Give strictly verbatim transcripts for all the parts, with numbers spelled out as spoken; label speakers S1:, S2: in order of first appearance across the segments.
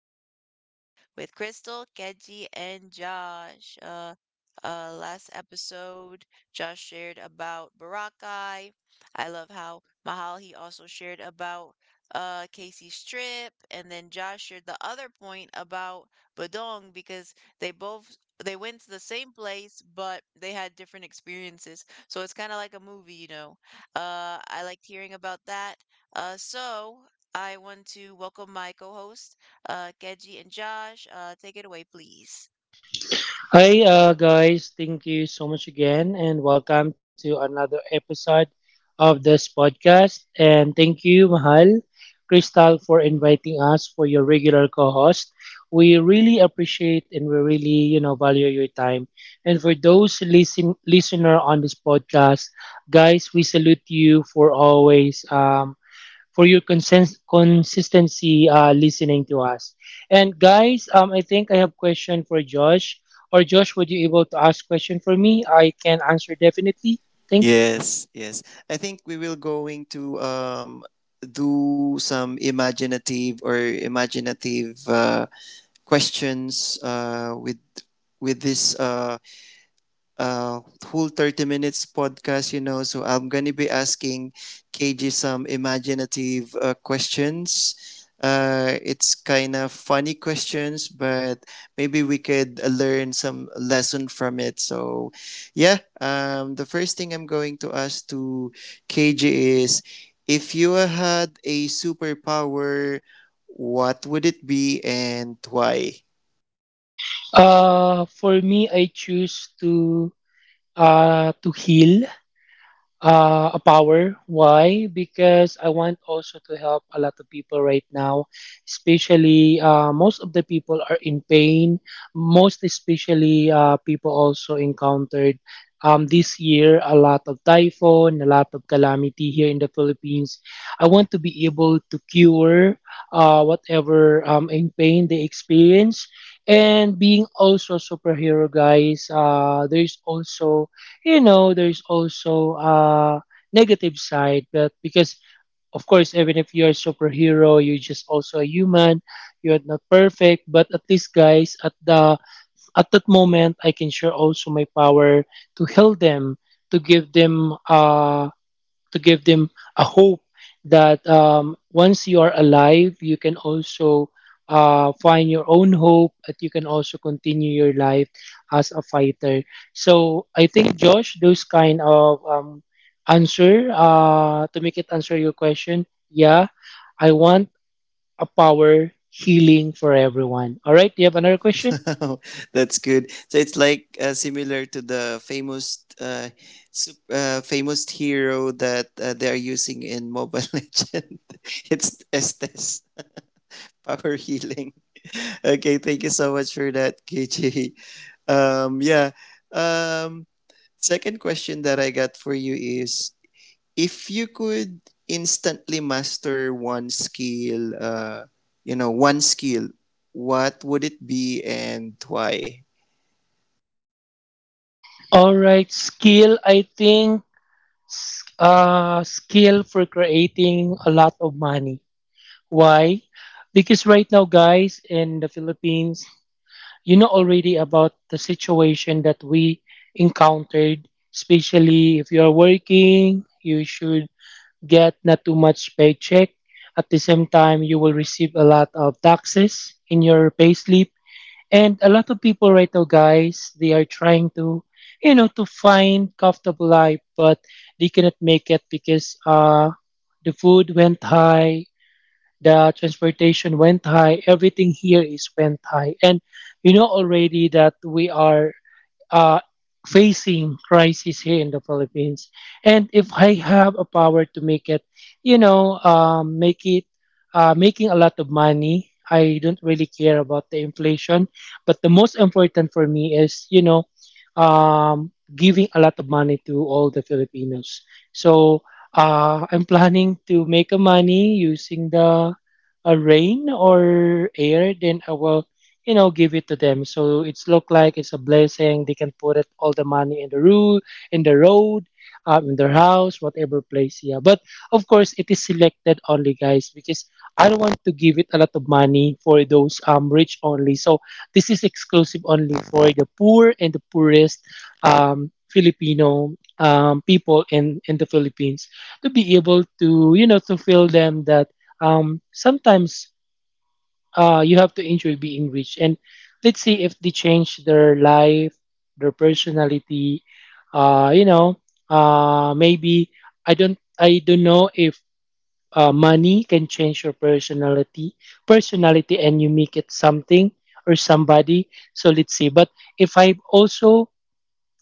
S1: podcast with Crystal, Keji, and Josh. Uh, uh, last episode, Josh shared about Barakai. I love how Mahal he also shared about uh Casey Strip, and then Josh shared the other point about Badong because they both they went to the same place, but they had different experiences. So it's kind of like a movie, you know. Uh, I liked hearing about that. Uh, so I want to welcome my co-host, uh, Keji and Josh. Uh, take it away, please.
S2: Hi, uh, guys. Thank you so much again, and welcome to another episode of this podcast. And thank you, Mahal, Crystal, for inviting us for your regular co-host. We really appreciate and we really, you know, value your time. And for those listen listener on this podcast, guys, we salute you for always um, for your consens- consistency uh, listening to us. And guys, um, I think I have question for Josh. Or Josh, would you able to ask question for me? I can answer definitely. Thank you.
S3: Yes, yes. I think we will going to um, do some imaginative or imaginative uh, questions uh, with with this uh, uh, whole thirty minutes podcast, you know. So I'm going to be asking K J some imaginative uh, questions. Uh, it's kind of funny questions, but maybe we could uh, learn some lesson from it. So, yeah, um, the first thing I'm going to ask to K J is if you had a superpower, what would it be and why?
S2: Uh, for me, I choose to uh to heal uh, a power. Why? Because I want also to help a lot of people right now, especially uh, most of the people are in pain. Most especially uh, people also encountered um, this year a lot of typhoon, a lot of calamity here in the Philippines. I want to be able to cure uh, whatever um, in pain they experience. And being also superhero guys, uh, there's also you know, there's also a negative side, but because of course, even if you're a superhero, you're just also a human. You're not perfect, but at least, guys, at the at that moment, I can share also my power to heal them, to give them uh to give them a hope that um, once you are alive, you can also uh, find your own hope, that you can also continue your life as a fighter. So I think, Josh, those kind of um, answer uh, to make it answer your question. Yeah, I want a power healing for everyone. All right, do you have another question?
S3: That's good. So it's like uh, similar to the famous uh, sup- uh famous hero that uh, they are using in Mobile Legend. It's Estes power healing. Okay, thank you so much for that, K J. Um yeah. Um Second question that I got for you is if you could instantly master one skill, uh you know, one skill, what would it be and why?
S2: All right, skill. I think s- uh, skill for creating a lot of money. Why? Because right now, guys, in the Philippines, you know already about the situation that we encountered, especially if you're working, you should get not too much paycheck. At the same time, you will receive a lot of taxes in your payslip. And a lot of people right now, guys, they are trying to, you know, to find comfortable life, but they cannot make it because uh, the food went high, the transportation went high everything here is went high and you know already that we are uh, facing crisis here in the Philippines. And if I have a power to make it, you know, um, make it uh, making a lot of money. I don't really care about the inflation, but the most important for me is, you know, um, giving a lot of money to all the Filipinos. So uh, I'm planning to make a money using the uh, rain or air. Then I will you know, give it to them. So it's look like it's a blessing. They can put it all the money in the road, in the road, um, in their house, whatever place. Yeah, but of course it is selected only, guys, because I don't want to give it a lot of money for those um rich only. So this is exclusive only for the poor and the poorest um Filipino um people in in the Philippines to be able to you know to feel them that um sometimes uh, you have to enjoy being rich. And let's see if they change their life, their personality. Uh, you know, uh, maybe I don't I don't know if uh, money can change your personality, personality, and you make it something or somebody. So let's see. But if I also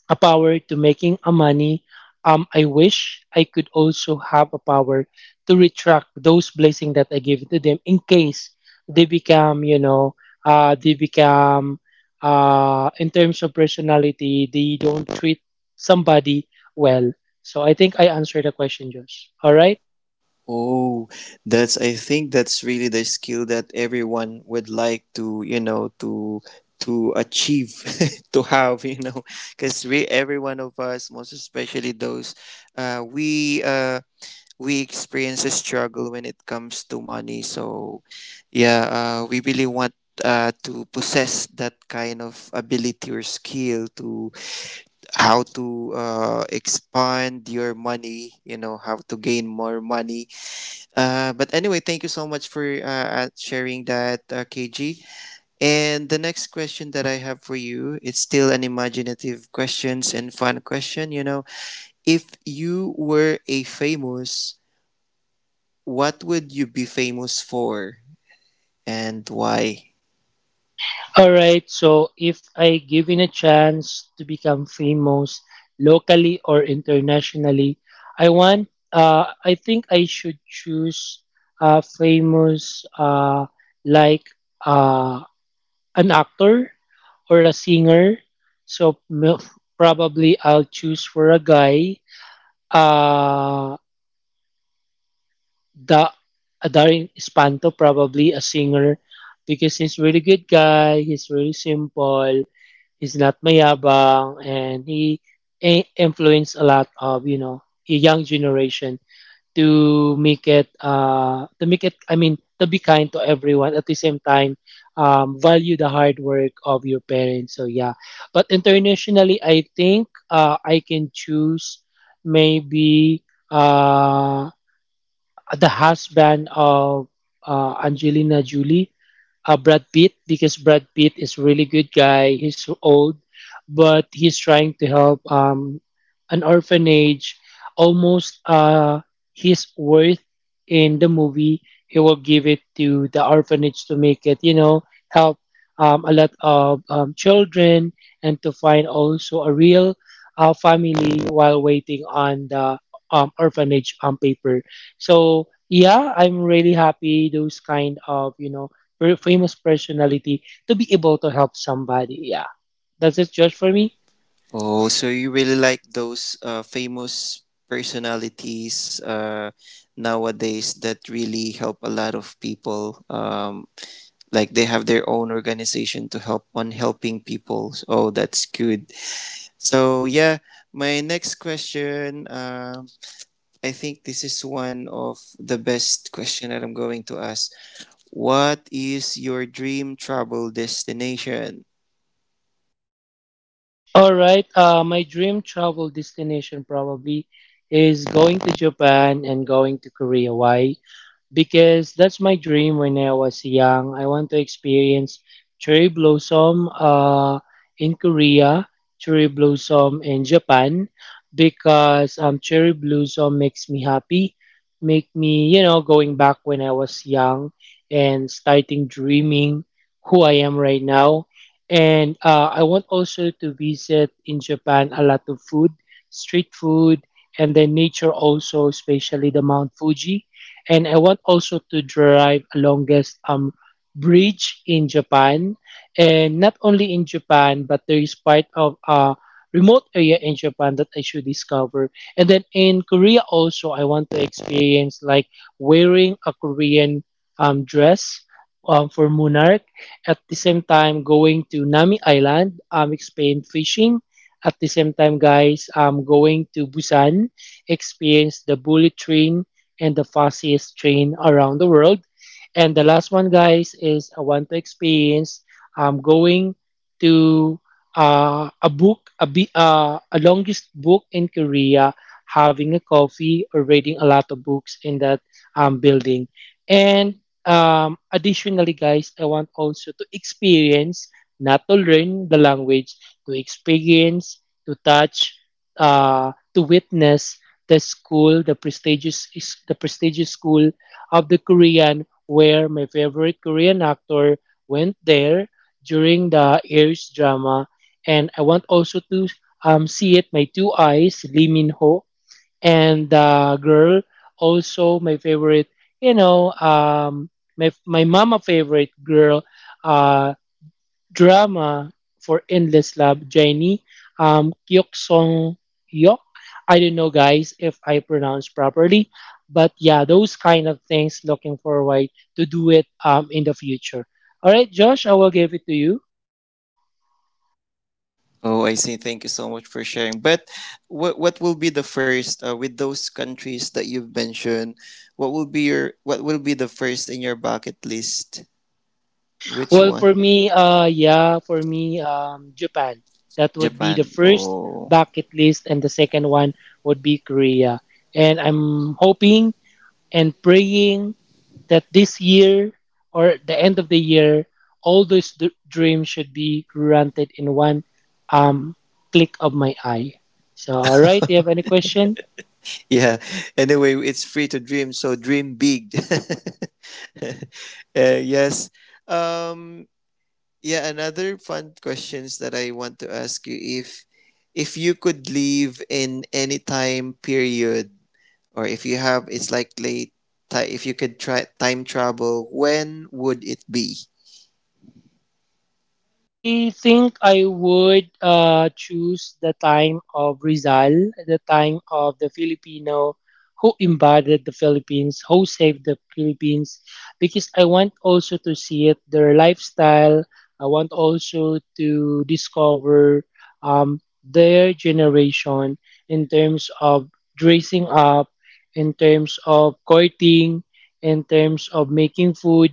S2: a power to making a money. Um, I wish I could also have a power to retract those blessing that I give to them in case they become, you know, uh, they become, uh, in terms of personality, they don't treat somebody well. So I think I answered the question, Josh. All right.
S3: Oh, that's I think that's really the skill that everyone would like to, you know, to to achieve to have, you know, because we every one of us, most especially those, uh, we uh we experience a struggle when it comes to money. So, yeah, uh, we really want uh to possess that kind of ability or skill to how to uh expand your money, you know, how to gain more money uh, but anyway, thank you so much for uh, uh, sharing that, uh, K G. And the next question that I have for you, it's still an imaginative questions and fun question. You know, if you were a famous, what would you be famous for and why?
S2: All right, so if I given a chance to become famous locally or internationally, I want uh I think I should choose uh famous uh like uh an actor or a singer. So m- probably I'll choose for a guy uh da Darin Espanto probably a singer because he's really good guy, he's really simple. He's not mayabang, and he i- influenced a lot of you know a young generation to make it uh to make it I mean to be kind to everyone at the same time um value the hard work of your parents. So yeah, but internationally, I think uh I can choose maybe uh, the husband of uh, Angelina Jolie, uh, Brad Pitt, because Brad Pitt is really good guy. He's so old, but he's trying to help um, an orphanage. Almost uh, his worth in the movie, he will give it to the orphanage to make it, you know, help um, a lot of um, children and to find also a real uh, family while waiting on the um, orphanage um, paper. So yeah, I'm really happy those kind of you know per- famous personality to be able to help somebody. Yeah, that's it just for me.
S3: Oh, so you really like those uh, famous personalities uh, nowadays that really help a lot of people um, like they have their own organization to help on helping people. Oh, that's good. So yeah, my next question, um I think this is one of the best question that I'm going to ask: what is your dream travel destination?
S2: All right, uh, my dream travel destination probably is going to Japan and going to Korea. Why? Because that's my dream when I was young. I want to experience cherry blossom uh, in Korea, cherry blossom in Japan, because um, cherry blossom makes me happy, make me, you know, going back when I was young and starting dreaming who I am right now. And uh, I want also to visit in Japan a lot of food, street food, and then nature also, especially the Mount Fuji and I want also to drive a longest um bridge in Japan, and not only in Japan, but there is part of a remote area in Japan that I should discover. And then in Korea also, I want to experience like wearing a Korean um dress um, for monarch. At the same time, going to Nami Island, um, experience fishing. At the same time, guys, I'm going to Busan, experience the bullet train and the fastest train around the world. And the last one, guys, is I want to experience um, going to uh, a book, a, bi- uh, a longest book in Korea, having a coffee or reading a lot of books in that um, building. And um, additionally, guys, I want also to experience, not to learn the language, to experience, to touch, uh, to witness the school, the prestigious is the prestigious school of the Korean, where my favorite Korean actor went there during the Aries drama, and I want also to um see it my two eyes, Lee Min Ho, and the girl also my favorite, you know, um my my mama favorite girl, uh drama for Endless Love, Jenny, um, Kyok Song Yok. I don't know, guys, if I pronounce properly, but yeah, those kind of things. Looking forward to do it um, in the future. All right, Josh, I will give it to you.
S3: Oh, I see. Thank you so much for sharing, but what what will be the first uh, with those countries that you've mentioned, what will be your what will be the first in your bucket list, which
S2: Well,
S3: one?
S2: for me, uh, yeah, for me, um, Japan. That would be the
S3: Japan.
S2: first
S3: Oh.
S2: bucket list, and the second one would be Korea. And I'm hoping and praying that this year or the end of the year, all those d- dreams should be granted in one um, click of my eye. So, all right, do you have any question?
S3: Yeah. Anyway, it's free to dream, so dream big. Uh, yes. Um, yeah. Another fun questions that I want to ask you if if you could live in any time period, or if you have, it's like late. ti- If you could try time travel, when would it be?
S2: I think I would uh, choose the time of Rizal, the time of the Filipino who embodied the Philippines, who saved the Philippines, because I want also to see it, their lifestyle. I want also to discover um, their generation in terms of dressing up, in terms of courting, in terms of making food,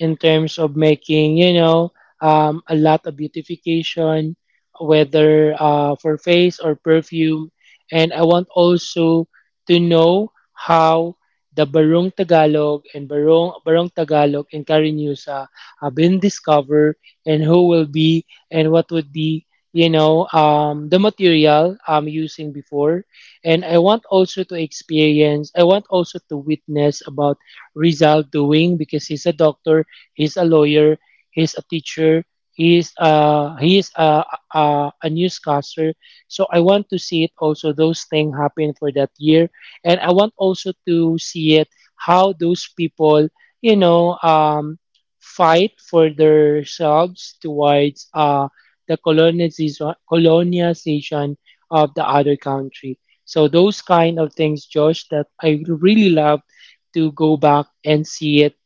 S2: in terms of making, you know, um, a lot of beautification, whether uh, for face or perfume. And I want also to know how the Barong Tagalog and Barong, Barong Tagalog and Carinusa have been discovered and who will be and what would be you know um, the material I'm using before and I want also to experience I want also to witness about Rizal doing because he's a doctor, he's a lawyer, he's a teacher. He's uh he's a, a a newscaster. So I want to see it also those things happen for that year, and I want also to see it how those people you know um fight for themselves towards uh the colonization colonization of the other country. So those kind of things, Josh, that I really love to go back and see it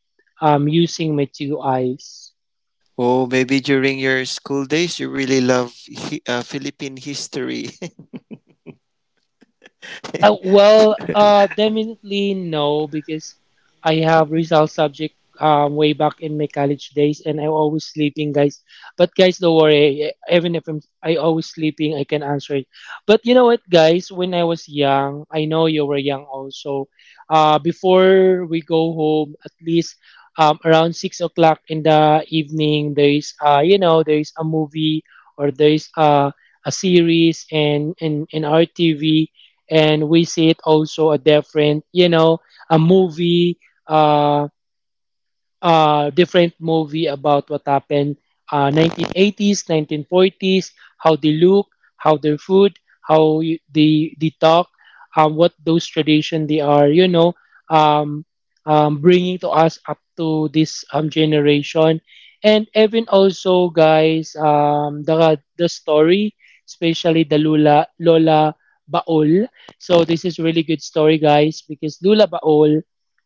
S2: um, using my two eyes.
S3: Oh, maybe during your school days, you really love hi- uh, Philippine history.
S2: Uh, well, uh, definitely no, because I have result subject um way back in my college days, and I'm always sleeping, guys. But guys, don't worry. e-, Even if I'm I always sleeping, I can answer it. But you know what, guys? When I was young, I know you were young also. Uh, before we go home, at least um around six o'clock in the evening, there is uh you know there is a movie or there is uh a series and in in our T V, and we see it also a different, you know a movie, uh, uh, different movie about what happened uh, nineteen eighties, nineteen forties. How they look, how their food, how y- they they talk, um, what those tradition they are, you know, um, um, bringing to us up to this um, generation. And even also, guys, um, the the story, especially the Lula Lola Baol. So this is really good story, guys, because Lula Baol,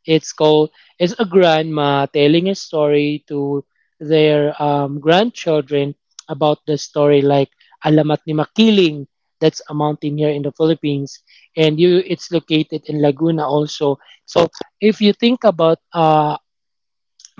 S2: it's called, is a grandma telling a story to their um, grandchildren about the story like Alamat ni Makiling. That's a mountain here in the Philippines, and you it's located in Laguna also. So if you think about uh,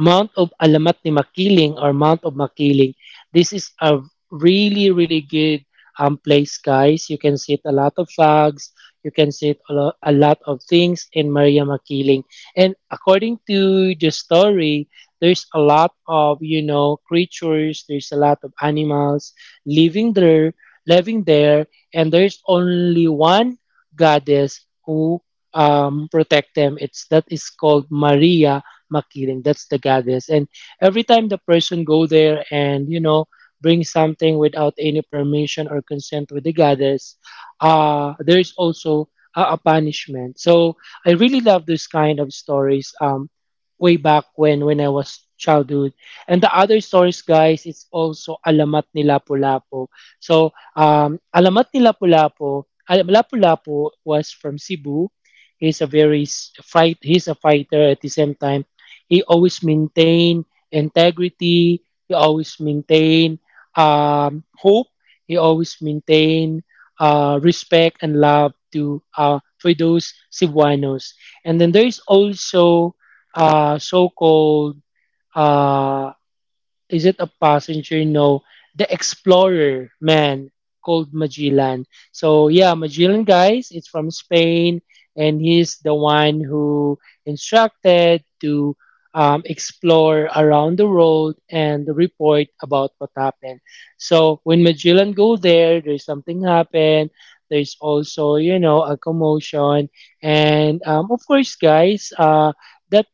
S2: Mount of Alamat ni Makiling or Mount of Makiling. This is a really, really good um, place, guys. You can see a lot of flags. You can see a lot, a lot of things in Maria Makiling. And according to the story, there's a lot of, you know, creatures. There's a lot of animals living there, living there. And there's only one goddess who um, protect them. It's that is called Maria Makiling. That's the goddess. And every time the person go there and, you know, bring something without any permission or consent with the goddess, uh, there is also a, a punishment. So I really love this kind of stories. Um, way back when when I was childhood. And the other stories, guys, it's also Alamat ni Lapu-Lapu. So, um, Alamat ni Lapu-Lapu, Al- Lapu-Lapu was from Cebu. He's a very s- fight. He's a fighter at the same time. He always maintained integrity. He always maintained um, hope. He always maintained uh, respect and love to uh, for those Cebuanos. And then there is also uh, so-called uh, is it a passenger? No, the explorer, man, called Magellan. So yeah, Magellan, guys, it's from Spain, and he's the one who instructed to um, explore around the world and report about what happened. So when Magellan go there, there's something happened. There's also, you know, a commotion, and, um, of course, guys, uh, that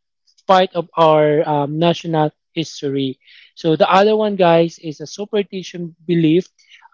S2: part of our um, national history. So the other one, guys, is a superstition belief,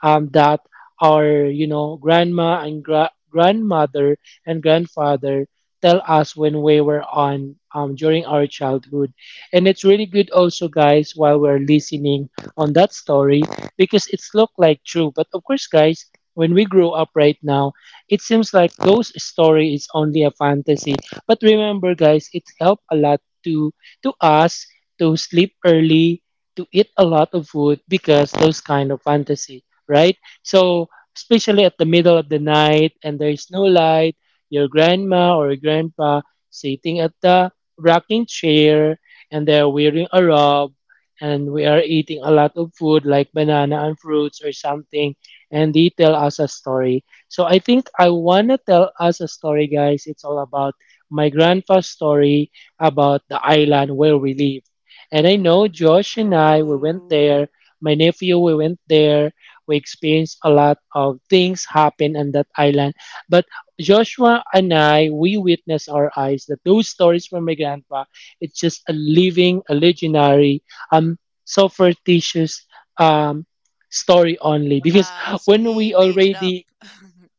S2: um, that our, you know, grandma and gra- grandmother and grandfather tell us when we were on, um, during our childhood. And it's really good also, guys, while we're listening on that story because it's look like true. But of course, guys, when we grow up right now, it seems like those story is only a fantasy. But remember, guys, it helped a lot to to us to sleep early, to eat a lot of food because those kind of fantasy, right? So especially at the middle of the night and there is no light, your grandma or grandpa sitting at the rocking chair, and they're wearing a robe, and we are eating a lot of food like banana and fruits or something, and they tell us a story. So I think I want to tell us a story, guys. It's all about my grandpa's story about the island where we live. And I know Josh and I, we went
S1: Oh.
S2: there. My nephew, we went there. We experienced a lot of things happen on that island. But Joshua and I, we witnessed our eyes that those stories from my grandpa, it's just a living, a legendary, um, so fictitious, um, story only. Because
S1: Uh, so
S2: when
S1: he
S2: we
S1: made it up.
S2: already,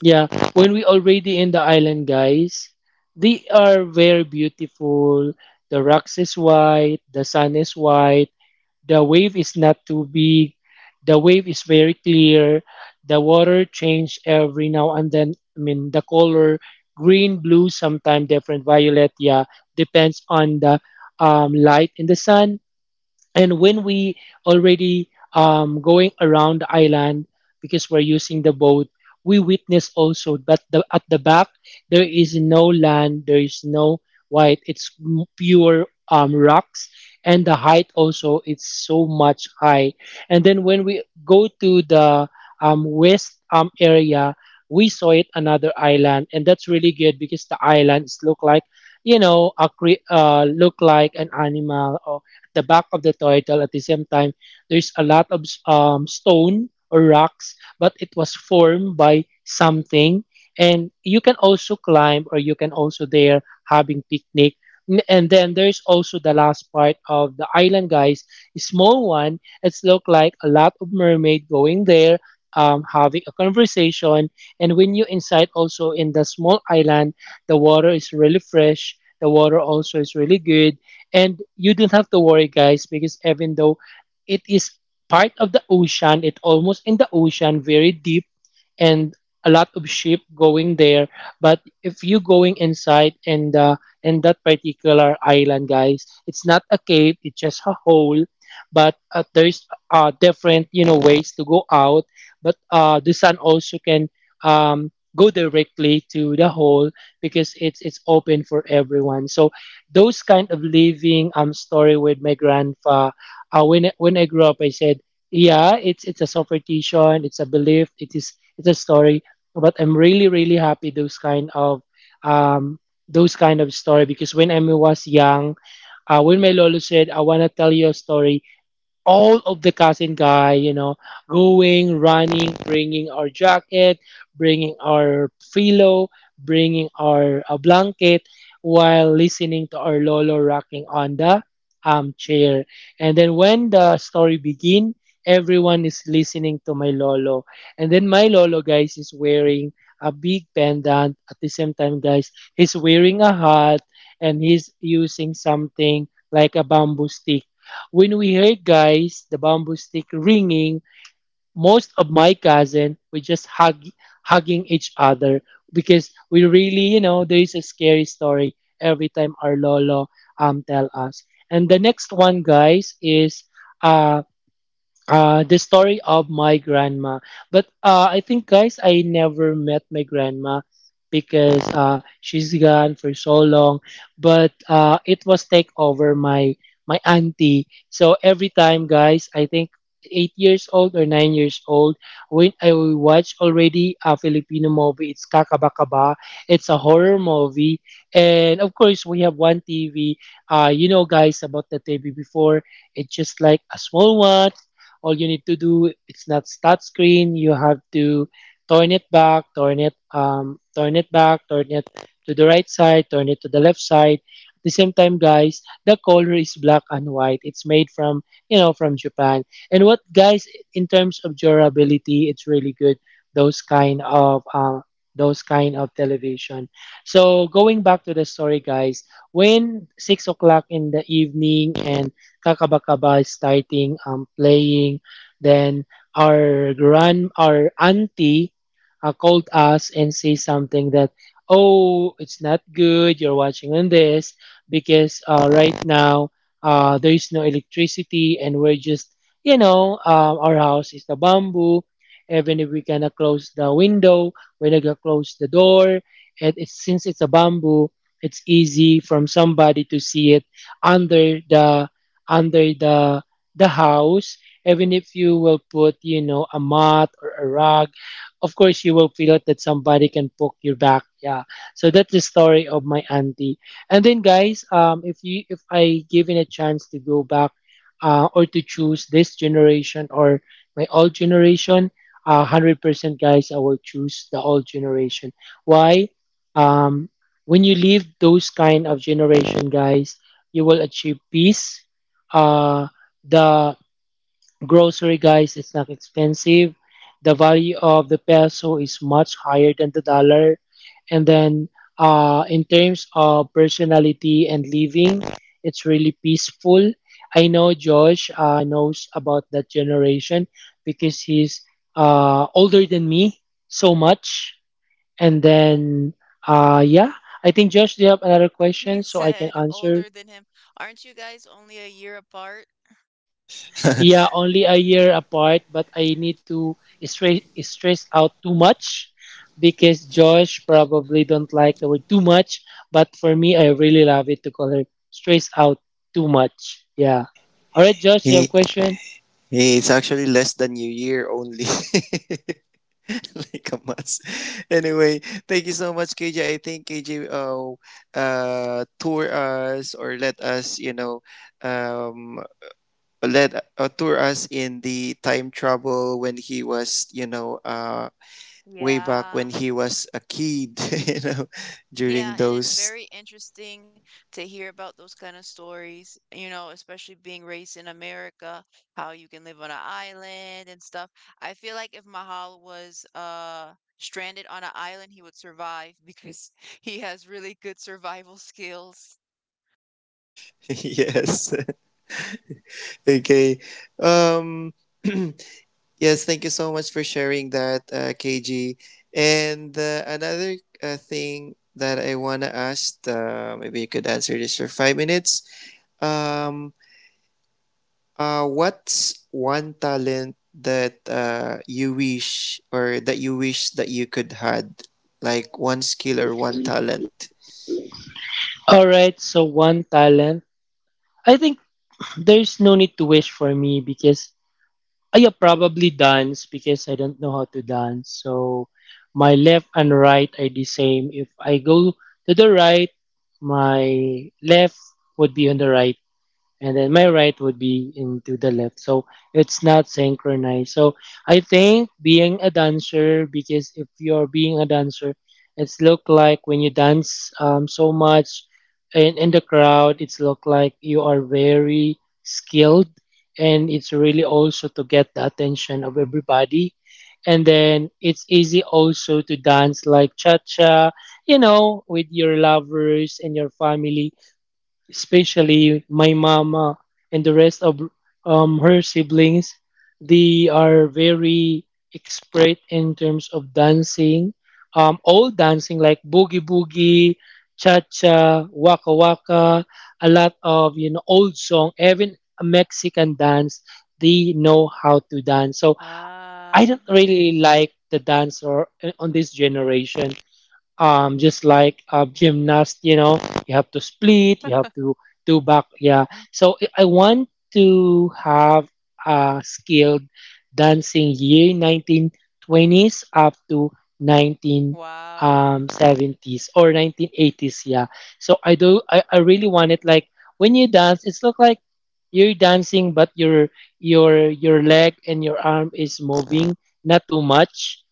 S2: yeah, when we already in the island, guys, they are very beautiful. The rocks is white, the sun is white, the wave is not too big, the wave is very clear, the water change every now and then. I mean, the color green, blue, sometimes different violet. Yeah, depends on the um, light in the sun. And when we already um, going around the island because we're using the boat, we witness also that the, at the back there is no land, there is no white, it's m- pure um, rocks, and the height also it's so much high. And then when we go to the um, west um, area, we saw it another island, and that's really good because the islands look like, you know, a cre- uh, look like an animal, the back of the turtle. At the same time, there's a lot of um, stone or rocks, but it was formed by something. And you can also climb, or you can also there having picnic. N- And then there's also the last part of the island, guys. A small one. It's look like a lot of mermaid going there, um, having a conversation. And when you inside also in the small island, the water is really fresh. The water also is really good. And you don't have to worry, guys, because even though it is part of the ocean, it almost in the ocean, very deep, and a lot of sheep going there. But if you going inside and, uh, in that particular island, guys, it's not a cave; it's just a hole. But, uh, there's uh, different, you know ways to go out. But, uh, the sun also can um, go directly to the hole because it's it's open for everyone. So those kind of living um story with my grandpa. Uh, when I- when I grew up, I said yeah, it's it's a superstition, it's a belief, it is it's a story. But I'm really, really happy those kind of, um those kind of story, because when I was young, uh, when my lolo said I want to tell you a story, all of the cousin guy, you know, going, running, bringing our jacket, bringing our pillow, bringing our uh, blanket, while listening to our lolo rocking on the armchair. And then when the story begin, everyone is listening to my lolo. And then my lolo, guys, is wearing a big pendant. At the same time, guys, he's wearing a hat, and he's using something like a bamboo stick. When we heard, guys, the bamboo stick ringing, most of my cousin we just hug, hugging each other, because we really, you know, there is a scary story every time our lolo um tell us. And the next one, guys, is uh uh the story of my grandma. But, uh, I think, guys, I never met my grandma because, uh, she's gone for so long. But, uh, it was take over my, my auntie. So every time, guys, I think eight years old or nine years old, when I watch already a Filipino movie, it's Kakabakaba. It's a horror movie. And of course, we have one TV. Uh, you know, guys, about the TV before, it's just like a small one. All you need to do, it's not start screen, you have to turn it back, turn it, um turn it back, turn it to the right side, turn it to the left side. At the same time, guys, the color is black and white. It's made from, you know, from Japan. And what, guys, in terms of durability, it's really good, those kind of, uh, those kind of television. So going back to the story, guys, when six o'clock in the evening and Kakabaka Ba starting um, playing. Then our grand, our auntie, uh, called us and say something that, oh, it's not good. You're watching on this, because, uh, right now, uh, there is no electricity, and we're just, you know, um, our house is the bamboo. Even if we cannot close the window, we're not gonna close the door. And it's, since it's a bamboo, it's easy from somebody to see it under the under the the house, even if you will put, you know, a mat or a rug. Of course, you will feel it that somebody can poke your back, yeah. So that's the story of my auntie. And then, guys, um if you if I given a chance to go back, uh, or to choose this generation or my old generation, uh, one hundred percent, guys, I will choose the old generation. Why? um when you leave those kind of generation, guys, you will achieve peace. Uh, the grocery, guys, is not expensive. The value of the peso is much higher than the dollar. And then, uh, in terms of personality and living, it's really peaceful. I know Josh uh, knows about that generation because he's uh, older than me so much. And then, uh, yeah, I think Josh, do you have another question
S1: He
S2: so I can
S1: said,
S2: answer.
S1: older than him. Aren't you guys only a year apart?
S2: Yeah, only a year apart, but I need to stress stress out too much because Josh probably don't like the word too much, but for me, I really love it to call her stress out too much. Yeah. All right, Josh, you have
S3: Hey,
S2: question?
S3: hey, it's actually less than a year only. Like a must. Anyway, thank you so much, K J. I think K J uh, uh tour us or let us, you know, um let uh, tour us in the time travel when he was, you know, uh way back when
S1: Yeah.
S3: he was a kid, you know, during
S1: Yeah, and it's
S3: those
S1: very interesting to hear about those kind of stories, you know, especially being raised in America, how you can live on an island and stuff. I feel like if Mahal was uh stranded on an island, he would survive because he has really good survival skills.
S3: yes. Okay. Um Yes, thank you so much for sharing that, uh, K G. And uh, another uh, thing that I want to ask, uh, maybe you could answer this for five minutes. Um, uh, what's one talent that uh, you wish or that you wish that you could had, like one skill or one talent?
S2: All right, so one talent. I think there's no need to wish for me because, Uh, yeah, probably dance because I don't know how to dance. So my left and right are the same. If I go to the right, my left would be on the right, and then my right would be into the left. So it's not synchronized. So I think being a dancer, because if you're being a dancer, it's look like when you dance um, so much in, in the crowd, it's look like you are very skilled, and it's really also to get the attention of everybody. And then it's easy also to dance like cha cha, you know, with your lovers and your family, especially my mama and the rest of um, her siblings. They are very expert in terms of dancing, um, all dancing like boogie boogie, cha cha, waka waka, a lot of you know old song, even a Mexican dance. They know how to dance. So
S1: Ah,
S2: I don't really like the dance or uh, on this generation, um, just like a gymnast, you know, you have to split, you have to do back. Yeah. So I I want to have a skilled dancing year nineteen twenties up to
S1: wow.
S2: nineteen seventies or nineteen eighties. Yeah. So I do, I, I really want it. Like when you dance, it's look like you're dancing, but your your your leg and your arm is moving, not too much.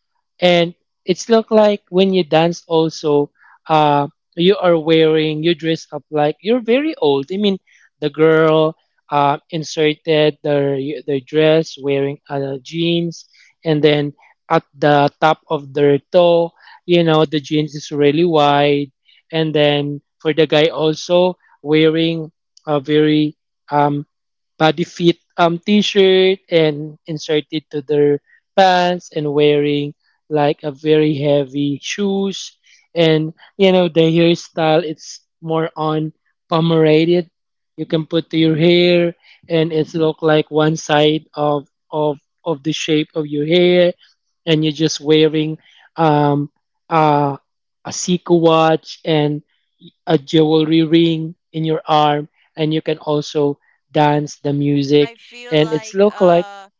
S2: And it's look like when you dance also uh you are wearing, you dress up like you're very old. I mean, the girl uh inserted their their dress, wearing uh, jeans, and then at the top of their toe, you know, the jeans is really wide. And then for the guy also, wearing a very um body fit um t-shirt and inserted to their pants, and wearing like a very heavy shoes. And you know the hairstyle, it's more on pomerated, you can put to your hair. And it's look like one side of of of the shape of your hair, and you're just wearing um uh a Seiko watch and a jewelry ring in your arm, and you can also dance the music.
S1: I feel
S2: And it's
S1: like
S2: look like,
S1: uh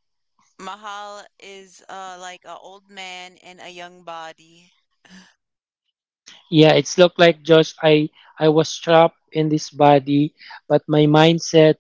S1: Mahal is uh like an old man in a young body.
S2: yeah, it's look like Josh. I I was trapped in this body, but my mindset,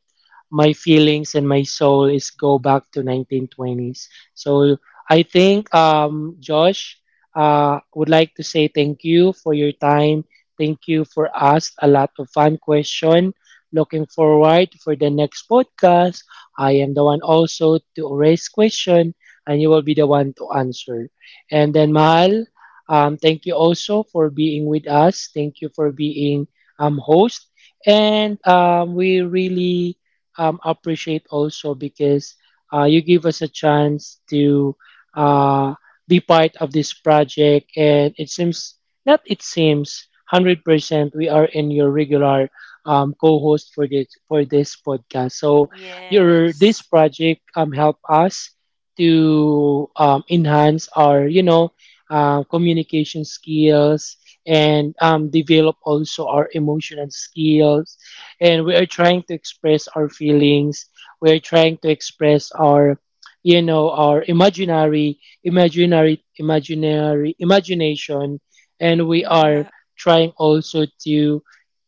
S2: my feelings, and my soul is go back to nineteen twenties. So I think um Josh uh would like to say thank you for your time. Thank you for us a lot of fun question. Looking forward for the next podcast. I am the one also to raise question, and you will be the one to answer. And then, Mahal, Um, thank you also for being with us. Thank you for being um, host. And um, we really um, appreciate also, because uh, you give us a chance to uh, be part of this project. And it seems, not it seems, one hundred percent we are in your regular um, co-host for this, for this podcast. So your this
S1: Yes.
S2: project um, help us to um, enhance our, you know, uh, communication skills, and um, develop also our emotional skills. And we are trying to express our feelings. We are trying to express our, you know, our imaginary, imaginary, imaginary, imagination, and we are trying also to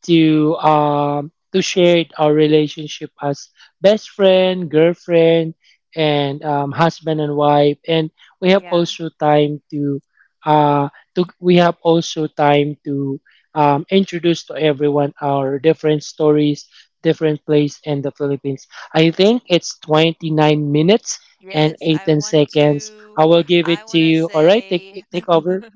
S2: to um to share our relationship as best friend, girlfriend, and um, husband and wife. And we have
S1: Yeah.
S2: also time to uh, to, we have also time to um, introduce to everyone our different stories, different place in the Philippines. I think it's twenty-nine minutes and
S1: Yes, I
S2: eighteen
S1: want
S2: seconds.
S1: to
S2: I will give it
S1: I
S2: to
S1: want to
S2: you. All right, take
S1: say
S2: take over.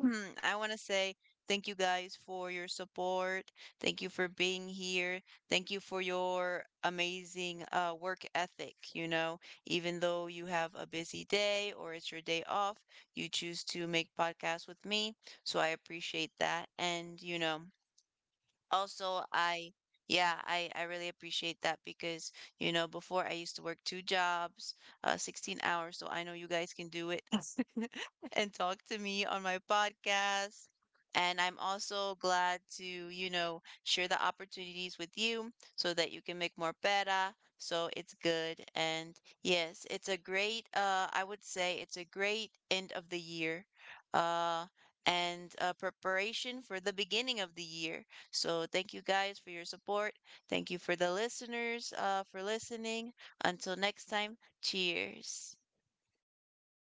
S1: Hmm, I want to say thank you guys for your support. Thank you for being here. Thank you for your amazing uh, work ethic. You know, even though you have a busy day or it's your day off, you choose to make podcasts with me. So I appreciate that. And, you know, also, I yeah, I I really appreciate that because, you know, before I used to work two jobs, uh sixteen hours, so I know you guys can do it and talk to me on my podcast. And I'm also glad to, you know, share the opportunities with you so that you can make more better. So it's good. And yes, it's a great, uh, I would say it's a great end of the year, uh, and uh, preparation for the beginning of the year. So thank you guys for your support. Thank you for the listeners uh, for listening. Until next time, cheers.